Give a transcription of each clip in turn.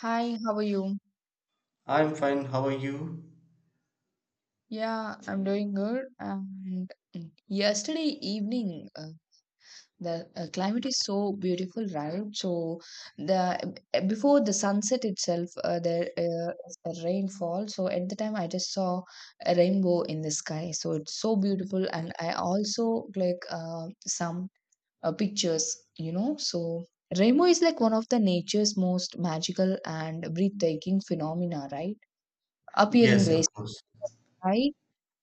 Hi, how are you? I'm fine. How are you? Yeah, I'm doing good. And yesterday evening, the climate is so beautiful, right? So the before the sunset itself, there is a rainfall. So at the time, I just saw a rainbow in the sky. So it's so beautiful, and I also like some pictures. So rainbow is like one of the nature's most magical and breathtaking phenomena, right? Appearing Yes, of gracefully. course.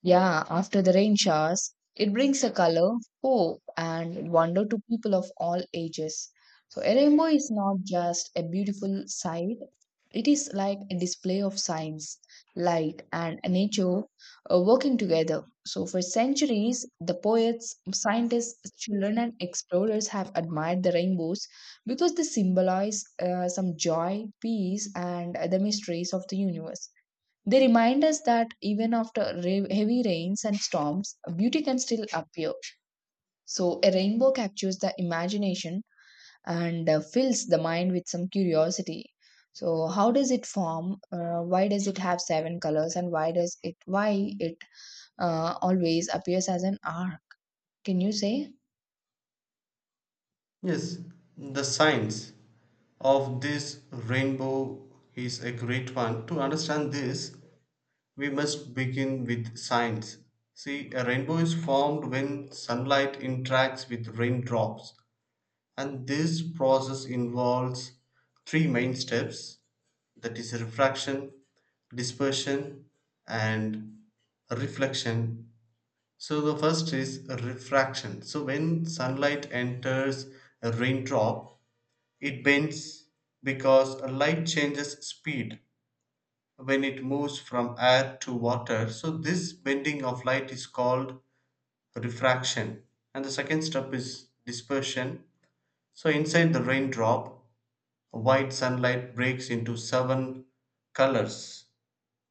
Yeah, after the rain showers, it brings a color, hope, and wonder to people of all ages. So, a rainbow is not just a beautiful sight, it is like a display of science, light, and nature working together. So, for centuries, the poets, scientists, children, and explorers have admired the rainbows because they symbolize some joy, peace, and the mysteries of the universe. They remind us that even after heavy rains and storms, beauty can still appear. So, a rainbow captures the imagination and fills the mind with some curiosity. So, how does it form? Why does it have seven colors? And why does it? Why it always appears as an arc? Can you say? Yes, the science of this rainbow is a great one. To understand this, we must begin with science. See, a rainbow is formed when sunlight interacts with raindrops, and this process involves three main steps, that is, refraction, dispersion, and reflection. So the first is refraction. So when sunlight enters a raindrop, it bends because light changes speed when it moves from air to water. So this bending of light is called refraction. And the second step is dispersion. So inside the raindrop, white sunlight breaks into seven colors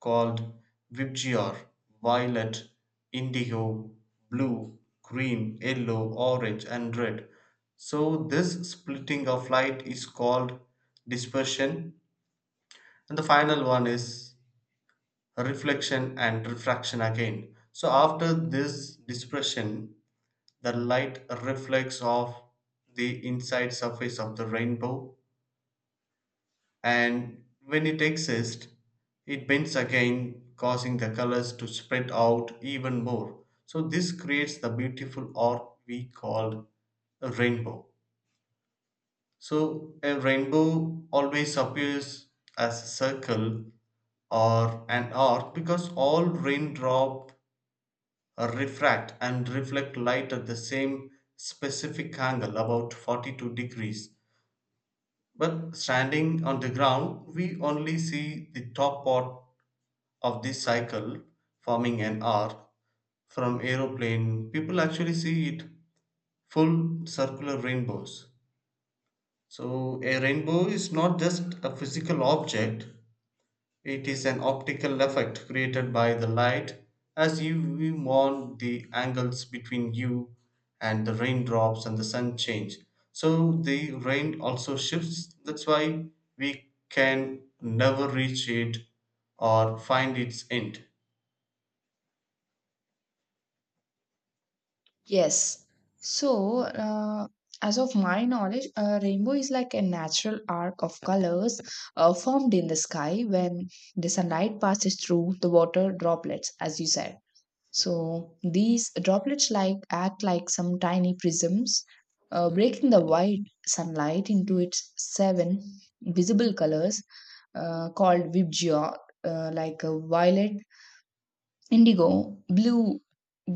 called Vibgyor: violet, indigo, blue, green, yellow, orange, and red. So this splitting of light is called dispersion, and the final one is reflection and refraction again. So after this dispersion, the light reflects off the inside surface of the rainbow, and when it exists, it bends again, causing the colors to spread out even more. So this creates the beautiful art we call a rainbow. So a rainbow always appears as a circle or an arc because all raindrop refract and reflect light at the same specific angle, about 42 degrees. But standing on the ground, we only see the top part of this cycle, forming an arc. From aeroplane, people actually see it full circular rainbows. So a rainbow is not just a physical object, it is an optical effect created by the light. As you move on, the angles between you and the raindrops and the sun change. So the rain also shifts. That's why we can never reach it or find its end. Yes. So, as of my knowledge, a rainbow is like a natural arc of colors formed in the sky when the sunlight passes through the water droplets, as you said. So, these droplets like act like some tiny prisms, breaking the white sunlight into its seven visible colors called vibgyo, like violet, indigo, blue,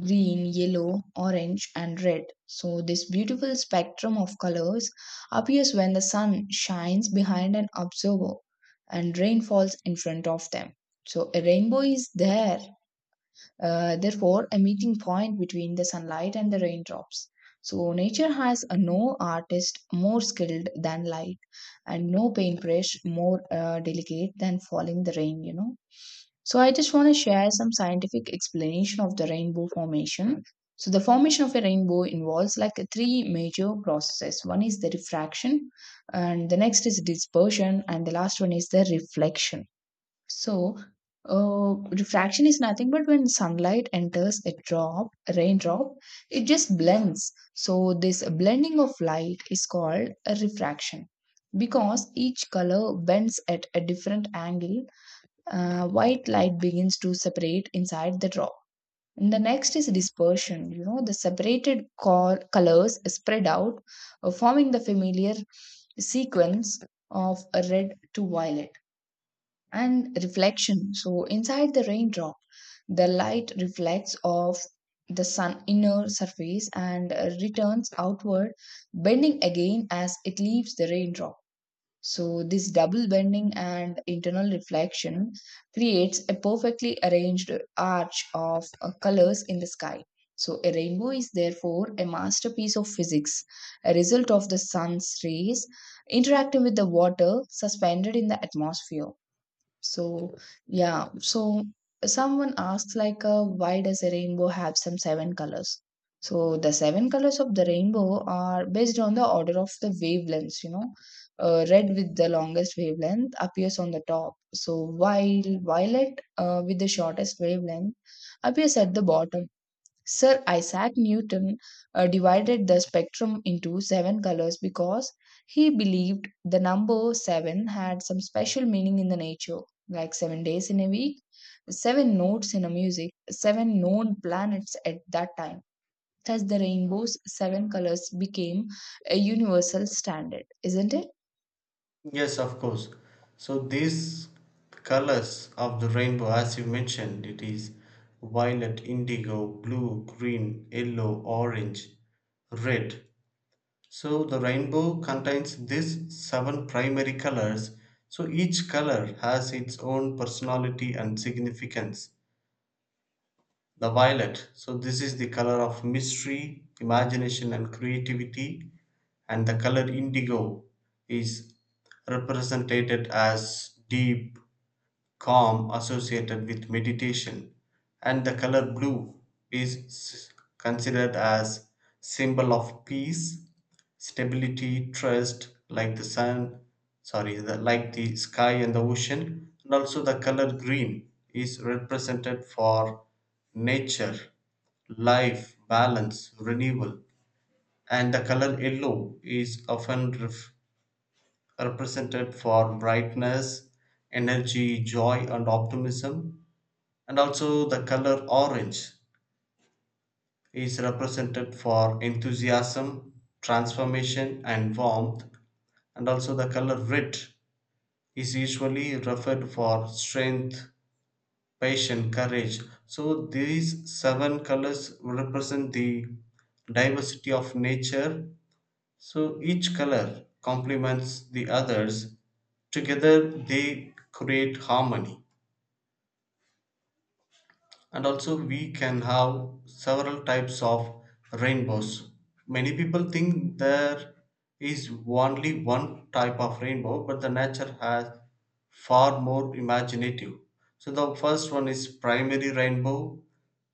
green, yellow, orange, and red. So, this beautiful spectrum of colors appears when the sun shines behind an observer and rain falls in front of them. So, a rainbow is there, therefore, a meeting point between the sunlight and the raindrops. So, nature has a no artist more skilled than light, and no paintbrush more delicate than falling the rain. So I just want to share some scientific explanation of the rainbow formation. So the formation of a rainbow involves like a three major processes. One is the refraction, and the next is dispersion, and the last one is the reflection. So refraction is nothing but when sunlight enters a raindrop, it just blends. So this blending of light is called a refraction because each color bends at a different angle. White light begins to separate inside the draw. And the next is dispersion. The separated colors spread out, forming the familiar sequence of a red to violet. And reflection. So inside the raindrop, the light reflects off the sun inner surface and returns outward, bending again as it leaves the raindrop. So, this double bending and internal reflection creates a perfectly arranged arch of colors in the sky. So, a rainbow is therefore a masterpiece of physics, a result of the sun's rays interacting with the water suspended in the atmosphere. So, yeah. So, someone asks, like, why does a rainbow have some seven colors? So, the seven colors of the rainbow are based on the order of the wavelengths. Red with the longest wavelength appears on the top. So, while violet with the shortest wavelength appears at the bottom. Sir Isaac Newton divided the spectrum into seven colors because he believed the number seven had some special meaning in the nature, like 7 days in a week, seven notes in a music, seven known planets at that time. Thus, the rainbow's seven colors became a universal standard, isn't it? Yes, of course. So these colors of the rainbow, as you mentioned, it is violet, indigo, blue, green, yellow, orange, red. So the rainbow contains these seven primary colors. So each color has its own personality and significance. The violet, so this is the color of mystery, imagination, and creativity. And the color indigo is represented as deep, calm, associated with meditation. And the color blue is considered as symbol of peace, stability, trust, like the sun, sorry, the, like the sky and the ocean. And also the color green is represented for nature, life, balance, renewal. And the color yellow is often represented for brightness, energy, joy, and optimism. And also, the color orange is represented for enthusiasm, transformation, and warmth. And also, the color red is usually referred for strength, passion, courage. So these seven colors represent the diversity of nature. So each color complements the others, together they create harmony. And also, we can have several types of rainbows. Many people think there is only one type of rainbow, but the nature has far more imaginative. So the first one is primary rainbow,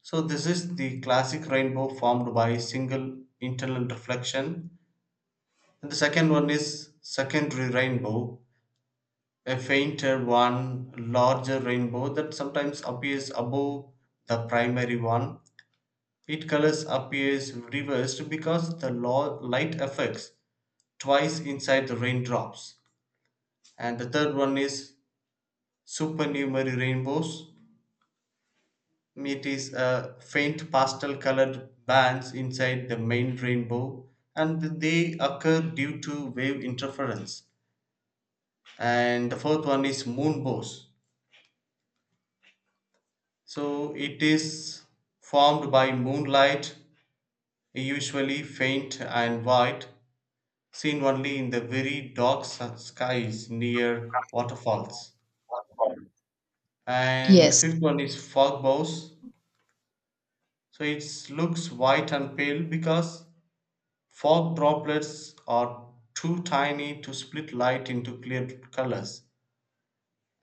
so this is the classic rainbow formed by single internal reflection. And the second one is secondary rainbow, a fainter one, larger rainbow that sometimes appears above the primary one. Its colors appears reversed because the light affects twice inside the raindrops. And the third one is supernumerary rainbows. It is a faint pastel colored bands inside the main rainbow, and they occur due to wave interference. And the fourth one is moon bows, so it is formed by moonlight, usually faint and white, seen only in the very dark skies near waterfalls. And the fifth Yes. one is fog bows, so it looks white and pale because fog droplets are too tiny to split light into clear colors.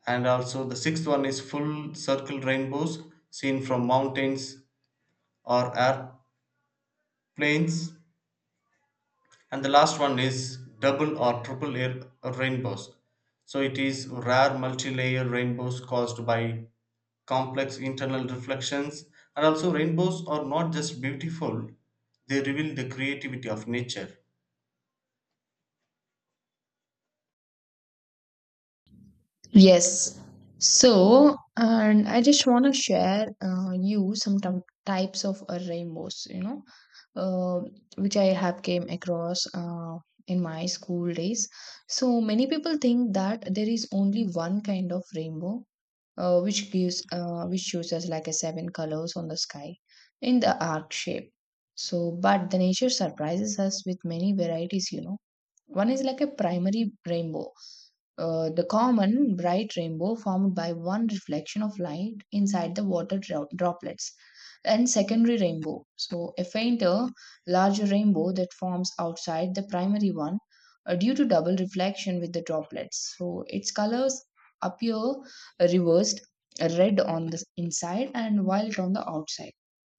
And also the sixth one is full circle rainbows, seen from mountains or airplanes. And the last one is double or triple air rainbows, so it is rare multi-layer rainbows caused by complex internal reflections. And also rainbows are not just beautiful, they reveal the creativity of nature. Yes. So, and I just want to share you some types of rainbows, uh, which I have came across in my school days. So many people think that there is only one kind of rainbow, which shows us like a seven colors on the sky in the arc shape. So, but the nature surprises us with many varieties. One is like a primary rainbow, the common bright rainbow formed by one reflection of light inside the water droplets. And secondary rainbow, so a fainter, larger rainbow that forms outside the primary one due to double reflection with the droplets, so its colors appear reversed, red on the inside and white on the outside.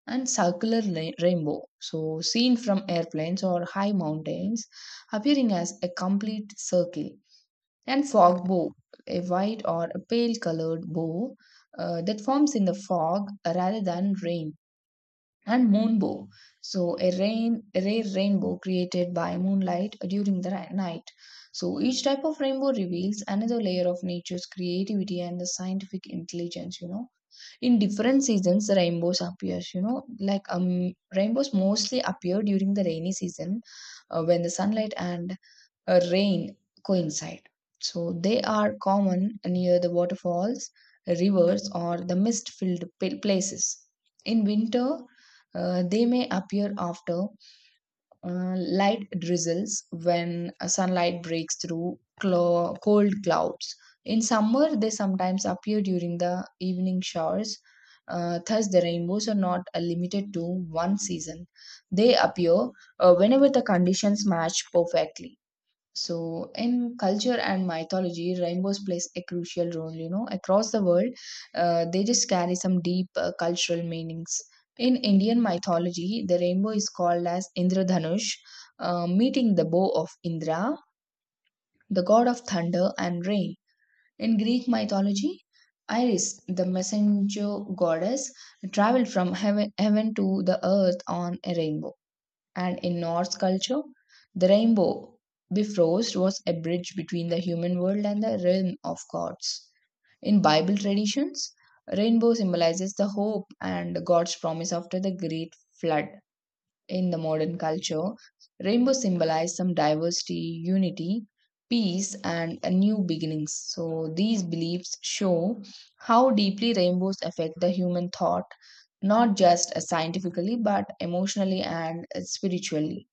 And circular rainbow, so seen from airplanes or high mountains, appearing as a complete circle. And fog bow, a white or a pale colored bow that forms in the fog rather than rain. And moonbow, so a rain rare rainbow created by moonlight during the night. So each type of rainbow reveals another layer of nature's creativity and the scientific intelligence. In different seasons, the rainbows appears. Like rainbows mostly appear during the rainy season, when the sunlight and rain coincide. So they are common near the waterfalls, rivers, or the mist filled places. In winter, they may appear after uh, light drizzles when sunlight breaks through cold clouds. In summer, they sometimes appear during the evening showers. Thus, the rainbows are not limited to one season. They appear whenever the conditions match perfectly. So, in culture and mythology, rainbows plays a crucial role. Across the world, they just carry some deep cultural meanings. In Indian mythology, the rainbow is called as Indradhanush, meeting the bow of Indra, the god of thunder and rain. In Greek mythology, Iris, the messenger goddess, traveled from heaven to the earth on a rainbow. And in Norse culture, the rainbow bifrost was a bridge between the human world and the realm of gods. In Bible traditions, rainbow symbolizes the hope and God's promise after the great flood. In the modern culture, rainbow symbolizes some diversity, unity, peace, and a new beginnings. So these beliefs show how deeply rainbows affect the human thought, not just scientifically, but emotionally and spiritually.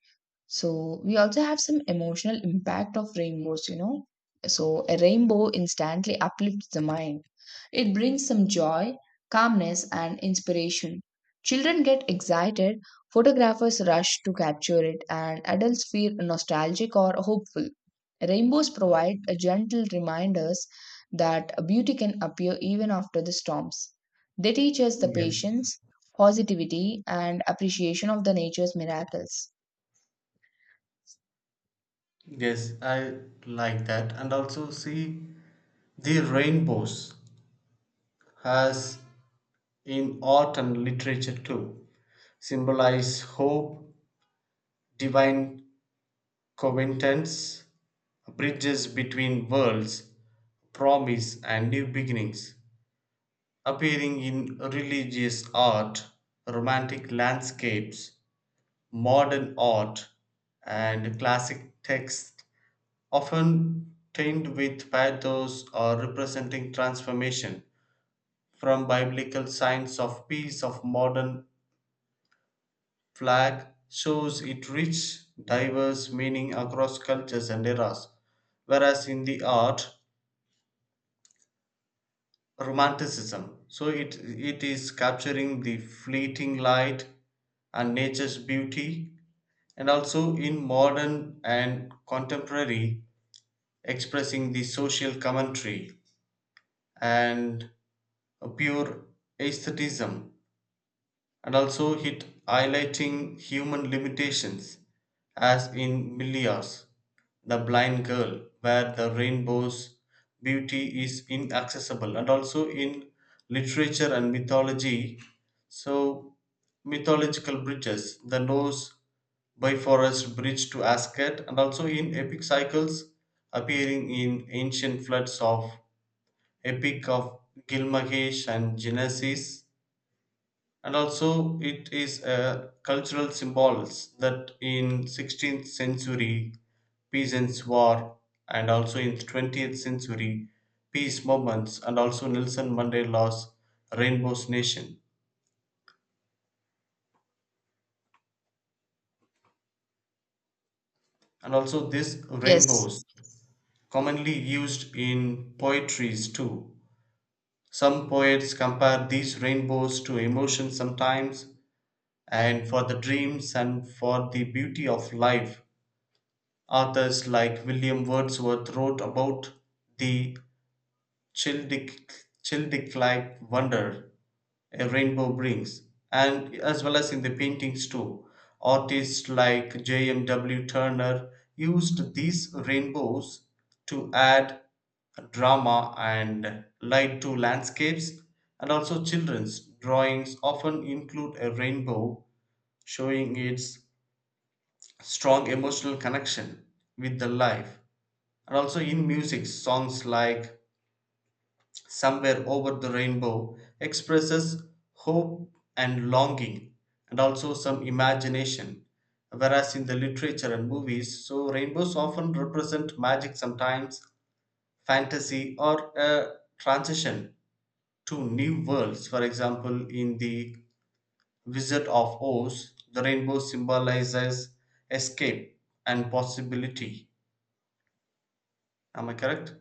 So we also have some emotional impact of rainbows. So a rainbow instantly uplifts the mind. It brings some joy, calmness, and inspiration. Children get excited, photographers rush to capture it, and adults feel nostalgic or hopeful. Rainbows provide a gentle reminders that beauty can appear even after the storms. They teach us the Yes, patience, positivity, and appreciation of the nature's miracles. yes, I like that. And also see the rainbows as in art and literature too symbolize hope, divine covenants, bridges between worlds, promise, and new beginnings, appearing in religious art, romantic landscapes, modern art, and classic texts, often tinged with pathos or representing transformation from biblical signs of peace of modern flag shows it rich, diverse meaning across cultures and eras. Whereas in the art, romanticism. So it is capturing the fleeting light and nature's beauty, and also in modern and contemporary, expressing the social commentary and a pure aesthetism, and also hit highlighting human limitations, as in Milia's The Blind Girl, where the rainbow's beauty is inaccessible. And also in literature and mythology. So, mythological bridges, the Norse by forest bridge to Asgard, and also in epic cycles appearing in ancient floods of Epic of Gilgamesh and Genesis. And also it is a cultural symbols that in 16th century peasants war, and also in 20th century peace movements, and also Nelson Mandela's rainbows nation. And also these Yes, rainbows commonly used in poetries too. Some poets compare these rainbows to emotions sometimes, and for the dreams and for the beauty of life. Authors like William Wordsworth wrote about the Childeric, Childeric-like wonder a rainbow brings. And as well as in the paintings too. Artists like J.M.W. Turner used these rainbows to add drama and light to landscapes. And also children's drawings often include a rainbow, showing its strong emotional connection with the life. And also in music, songs like Somewhere Over the Rainbow expresses hope and longing and also some imagination. Whereas in the literature and movies, so rainbows often represent magic sometimes, fantasy, or a transition to new worlds. For example, in the Wizard of Oz, the rainbow symbolizes escape and possibility. Am I correct?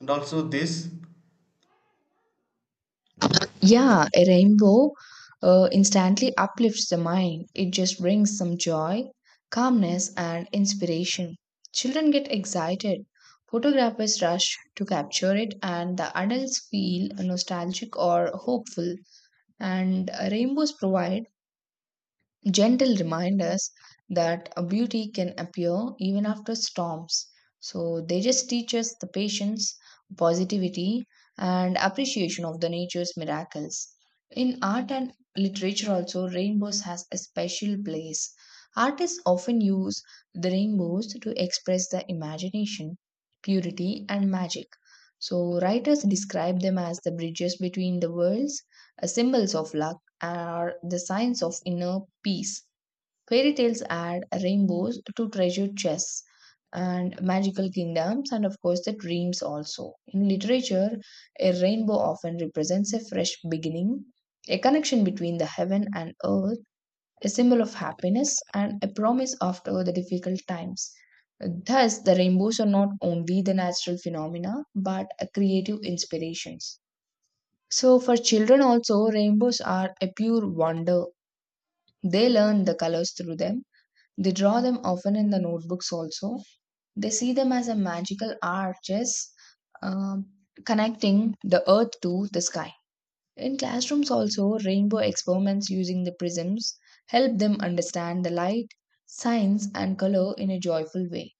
And also this. yeah, a rainbow instantly uplifts the mind. It just brings some joy, calmness, and inspiration. Children get excited. Photographers rush to capture it, and the adults feel nostalgic or hopeful. And rainbows provide gentle reminders that a beauty can appear even after storms. So they just teach us the patience, positivity, and appreciation of the nature's miracles. In art and literature, also, rainbows has a special place. Artists often use the rainbows to express the imagination, purity, and magic. So writers describe them as the bridges between the worlds, symbols of love are the signs of inner peace. Fairy tales add rainbows to treasure chests and magical kingdoms, and of course, the dreams also. In literature, a rainbow often represents a fresh beginning, a connection between the heaven and earth, a symbol of happiness, and a promise after the difficult times. Thus, the rainbows are not only the natural phenomena but a creative inspirations. So, for children, also, rainbows are a pure wonder. They learn the colors through them. They draw them often in the notebooks also. They see them as a magical arches um, connecting the earth to the sky. In classrooms also, rainbow experiments using the prisms help them understand the light, science and color in a joyful way.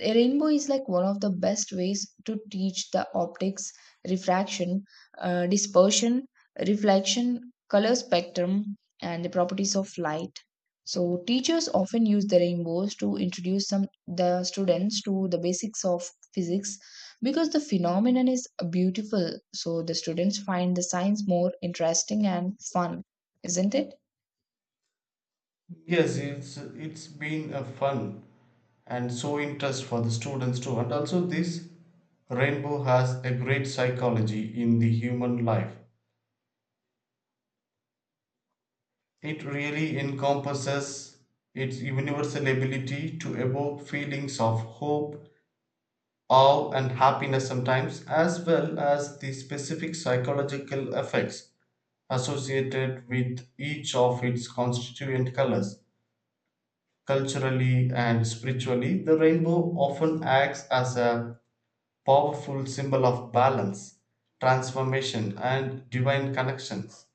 A rainbow is like one of the best ways to teach the optics, refraction, dispersion, reflection, color spectrum, and the properties of light. So teachers often use the rainbows to introduce some the students to the basics of physics because the phenomenon is beautiful. So the students find the science more interesting and fun, isn't it? Yes, it's been a fun and so interest for the students too. And also this rainbow has a great psychology in the human life. It really encompasses its universal ability to evoke feelings of hope, awe, and happiness sometimes, as well as the specific psychological effects associated with each of its constituent colors. Culturally and spiritually, the rainbow often acts as a powerful symbol of balance, transformation, and divine connections.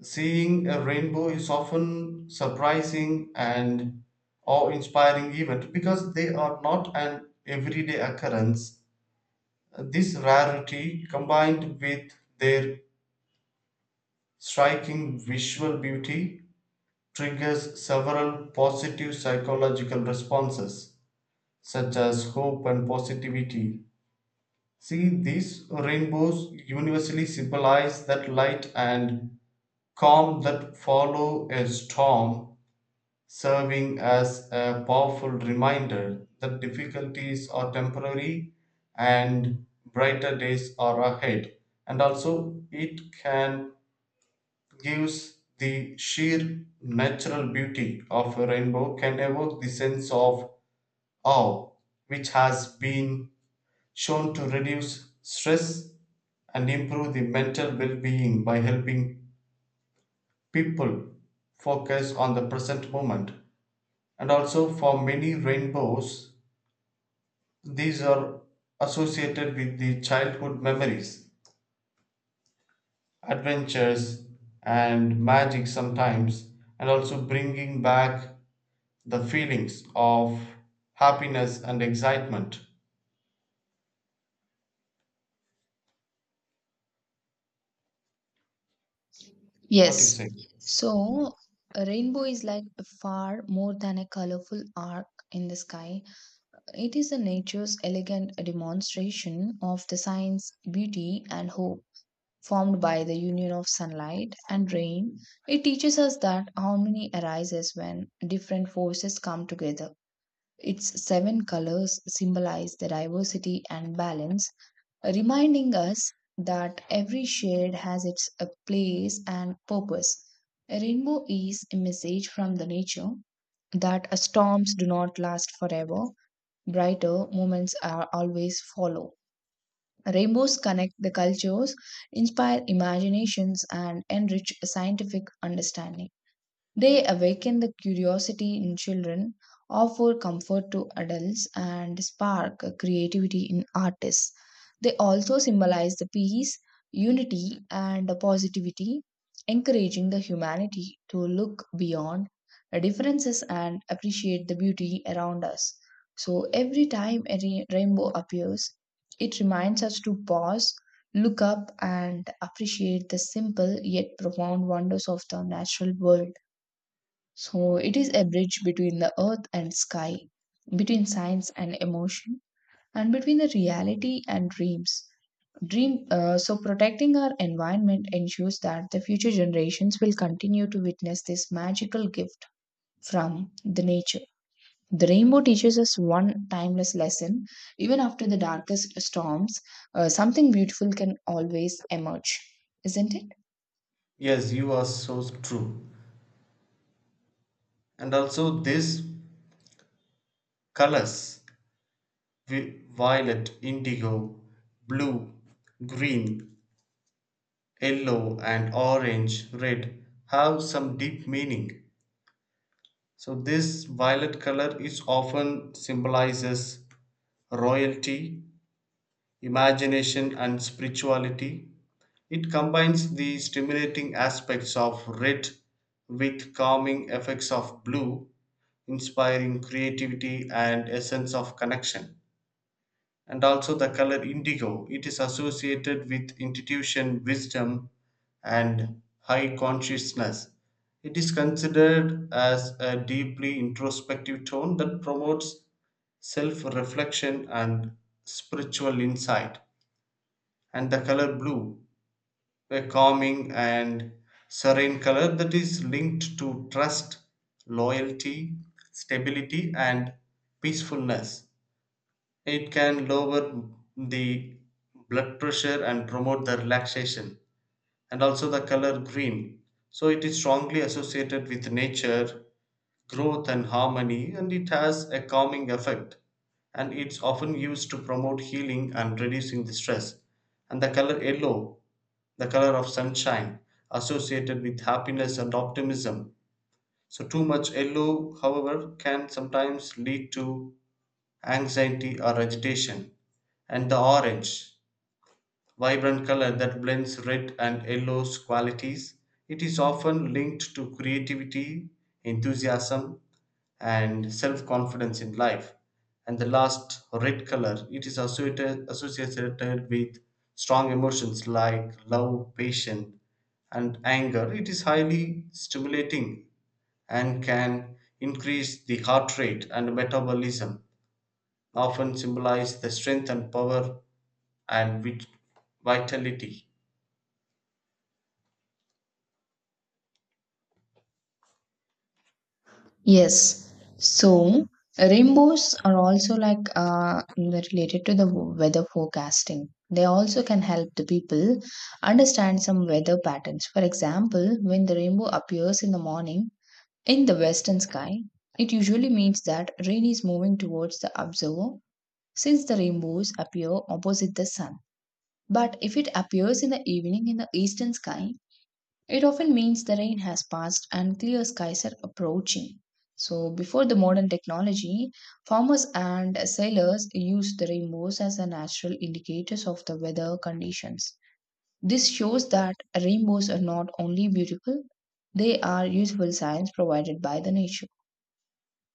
Seeing a rainbow is often surprising and awe-inspiring event because they are not an everyday occurrence. This rarity, combined with their striking visual beauty, triggers several positive psychological responses, such as hope and positivity. See, these rainbows universally symbolize that light and calm that follow a storm, serving as a powerful reminder that difficulties are temporary and brighter days are ahead. And also, it can gives the sheer natural beauty of a rainbow can evoke the sense of awe, which has been shown to reduce stress and improve the mental well-being by helping people focus on the present moment. And also for many rainbows, these are associated with the childhood memories, adventures, and magic sometimes, and also bringing back the feelings of happiness and excitement. What do you say? Yes. So a rainbow is like far more than a colorful arc in the sky. It is the nature's elegant demonstration of the science, beauty, and hope formed by the union of sunlight and rain. It teaches us that harmony arises when different forces come together. Its seven colors symbolize the diversity and balance, reminding us that every shade has its a place and purpose. A rainbow is a message from the nature that storms do not last forever, brighter moments are always follow. Rainbows connect the cultures, inspire imaginations, and enrich scientific understanding. They awaken the curiosity in children, offer comfort to adults, and spark creativity in artists. They also symbolize the peace, unity, and positivity, encouraging the humanity to look beyond the differences and appreciate the beauty around us. So, every time a rainbow appears, it reminds us to pause, look up, and appreciate the simple yet profound wonders of the natural world. So it is a bridge between the earth and sky, between science and emotion, and between the reality and dreams. Dream. So protecting our environment ensures that the future generations will continue to witness this magical gift from the nature. The rainbow teaches us one timeless lesson. Even after the darkest storms, something beautiful can always emerge, isn't it? Yes, you are so true. And also these colors, violet, indigo, blue, green, yellow, and orange, red, have some deep meaning. So this violet color is often symbolizes royalty, imagination, and spirituality. It combines the stimulating aspects of red with calming effects of blue, inspiring creativity and a sense of connection. And also the color indigo. It is associated with intuition, wisdom, and high consciousness. It is considered as a deeply introspective tone that promotes self reflection and spiritual insight. And the color blue, a calming and serene color that is linked to trust, loyalty, stability, and peacefulness. It can lower the blood pressure and promote the relaxation. And also the color green. So it is strongly associated with nature, growth, and harmony, and it has a calming effect. And it's often used to promote healing and reducing the stress. And the color yellow, the color of sunshine, associated with happiness and optimism. So, too much yellow, however, can sometimes lead to anxiety or agitation. And the orange, vibrant color that blends red and yellow's qualities. It is often linked to creativity, enthusiasm, and self-confidence in life. And the last red color, it is associated with strong emotions like love, passion, and anger. It is highly stimulating and can increase the heart rate and metabolism, often symbolize the strength and power and vitality. Yes. So rainbows are also like related to the weather forecasting. They also can help the people understand some weather patterns. For example, when the rainbow appears in the morning in the western sky, it usually means that rain is moving towards the observer since the rainbows appear opposite the sun. But if it appears in the evening in the eastern sky, it often means the rain has passed and clear skies are approaching. So, before the modern technology, farmers and sailors used the rainbows as the natural indicators of the weather conditions. This shows that rainbows are not only beautiful, they are useful signs provided by the nature.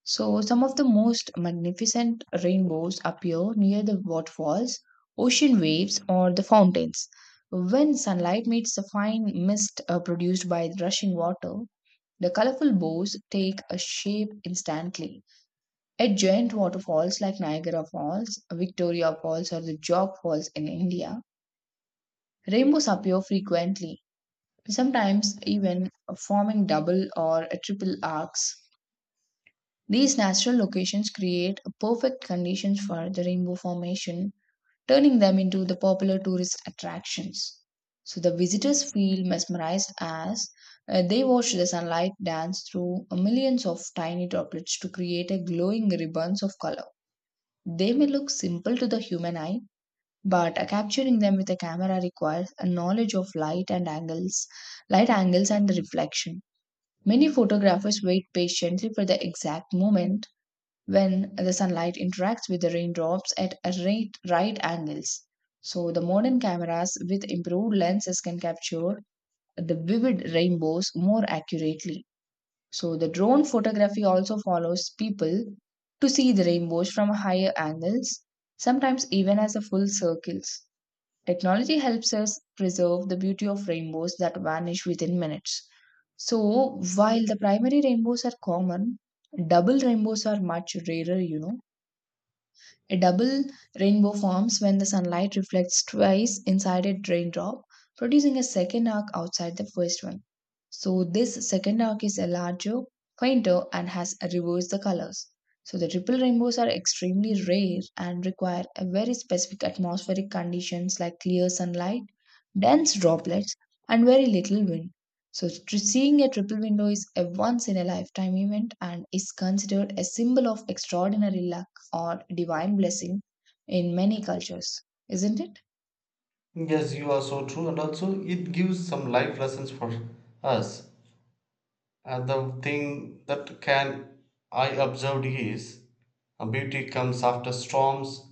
So, some of the most magnificent rainbows appear near the waterfalls, ocean waves, or the fountains. When sunlight meets the fine mist produced by the rushing water, the colorful bows take a shape instantly. At giant waterfalls like Niagara Falls, Victoria Falls, or the Jog Falls in India, rainbows appear frequently, sometimes even forming double or triple arcs. These natural locations create perfect conditions for the rainbow formation, turning them into the popular tourist attractions. So the visitors feel mesmerized as they watch the sunlight dance through millions of tiny droplets to create a glowing ribbons of color. They may look simple to the human eye, but capturing them with a camera requires a knowledge of light and angles, light angles and reflection. Many photographers wait patiently for the exact moment when the sunlight interacts with the raindrops at a right angles. So, the modern cameras with improved lenses can capture the vivid rainbows more accurately. So, the drone photography also follows people to see the rainbows from higher angles, sometimes even as a full circles. Technology helps us preserve the beauty of rainbows that vanish within minutes. So, while the primary rainbows are common, double rainbows are much rarer. A double rainbow forms when the sunlight reflects twice inside a raindrop, producing a second arc outside the first one. So, this second arc is a larger, fainter, and has reversed the colors. So, the triple rainbows are extremely rare and require a very specific atmospheric conditions like clear sunlight, dense droplets, and very little wind. So, seeing a triple window is a once in a lifetime event and is considered a symbol of extraordinary luck or divine blessing in many cultures, isn't it? Yes, you are so true, and also it gives some life lessons for us. And the thing that can I observed is, beauty comes after storms,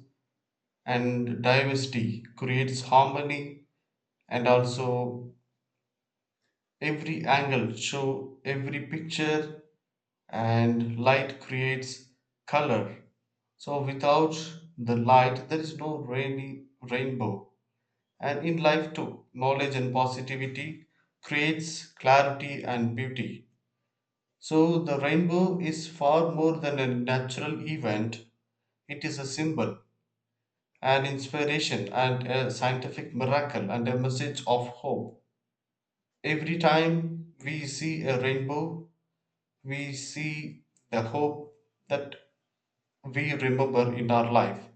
and diversity creates harmony, and also every angle show every picture, and light creates color. So without the light there is no rainy rainbow. And in life too, knowledge and positivity creates clarity and beauty. So the rainbow is far more than a natural event, it is a symbol, an inspiration, and a scientific miracle, and a message of hope. Every time we see a rainbow, we see the hope that we remember in our life.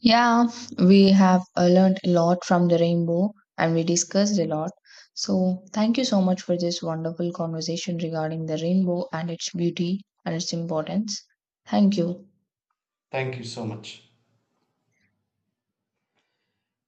Yeah, we have learned a lot from the rainbow and we discussed a lot. So, thank you so much for this wonderful conversation regarding the rainbow and its beauty and its importance. Thank you. Thank you so much.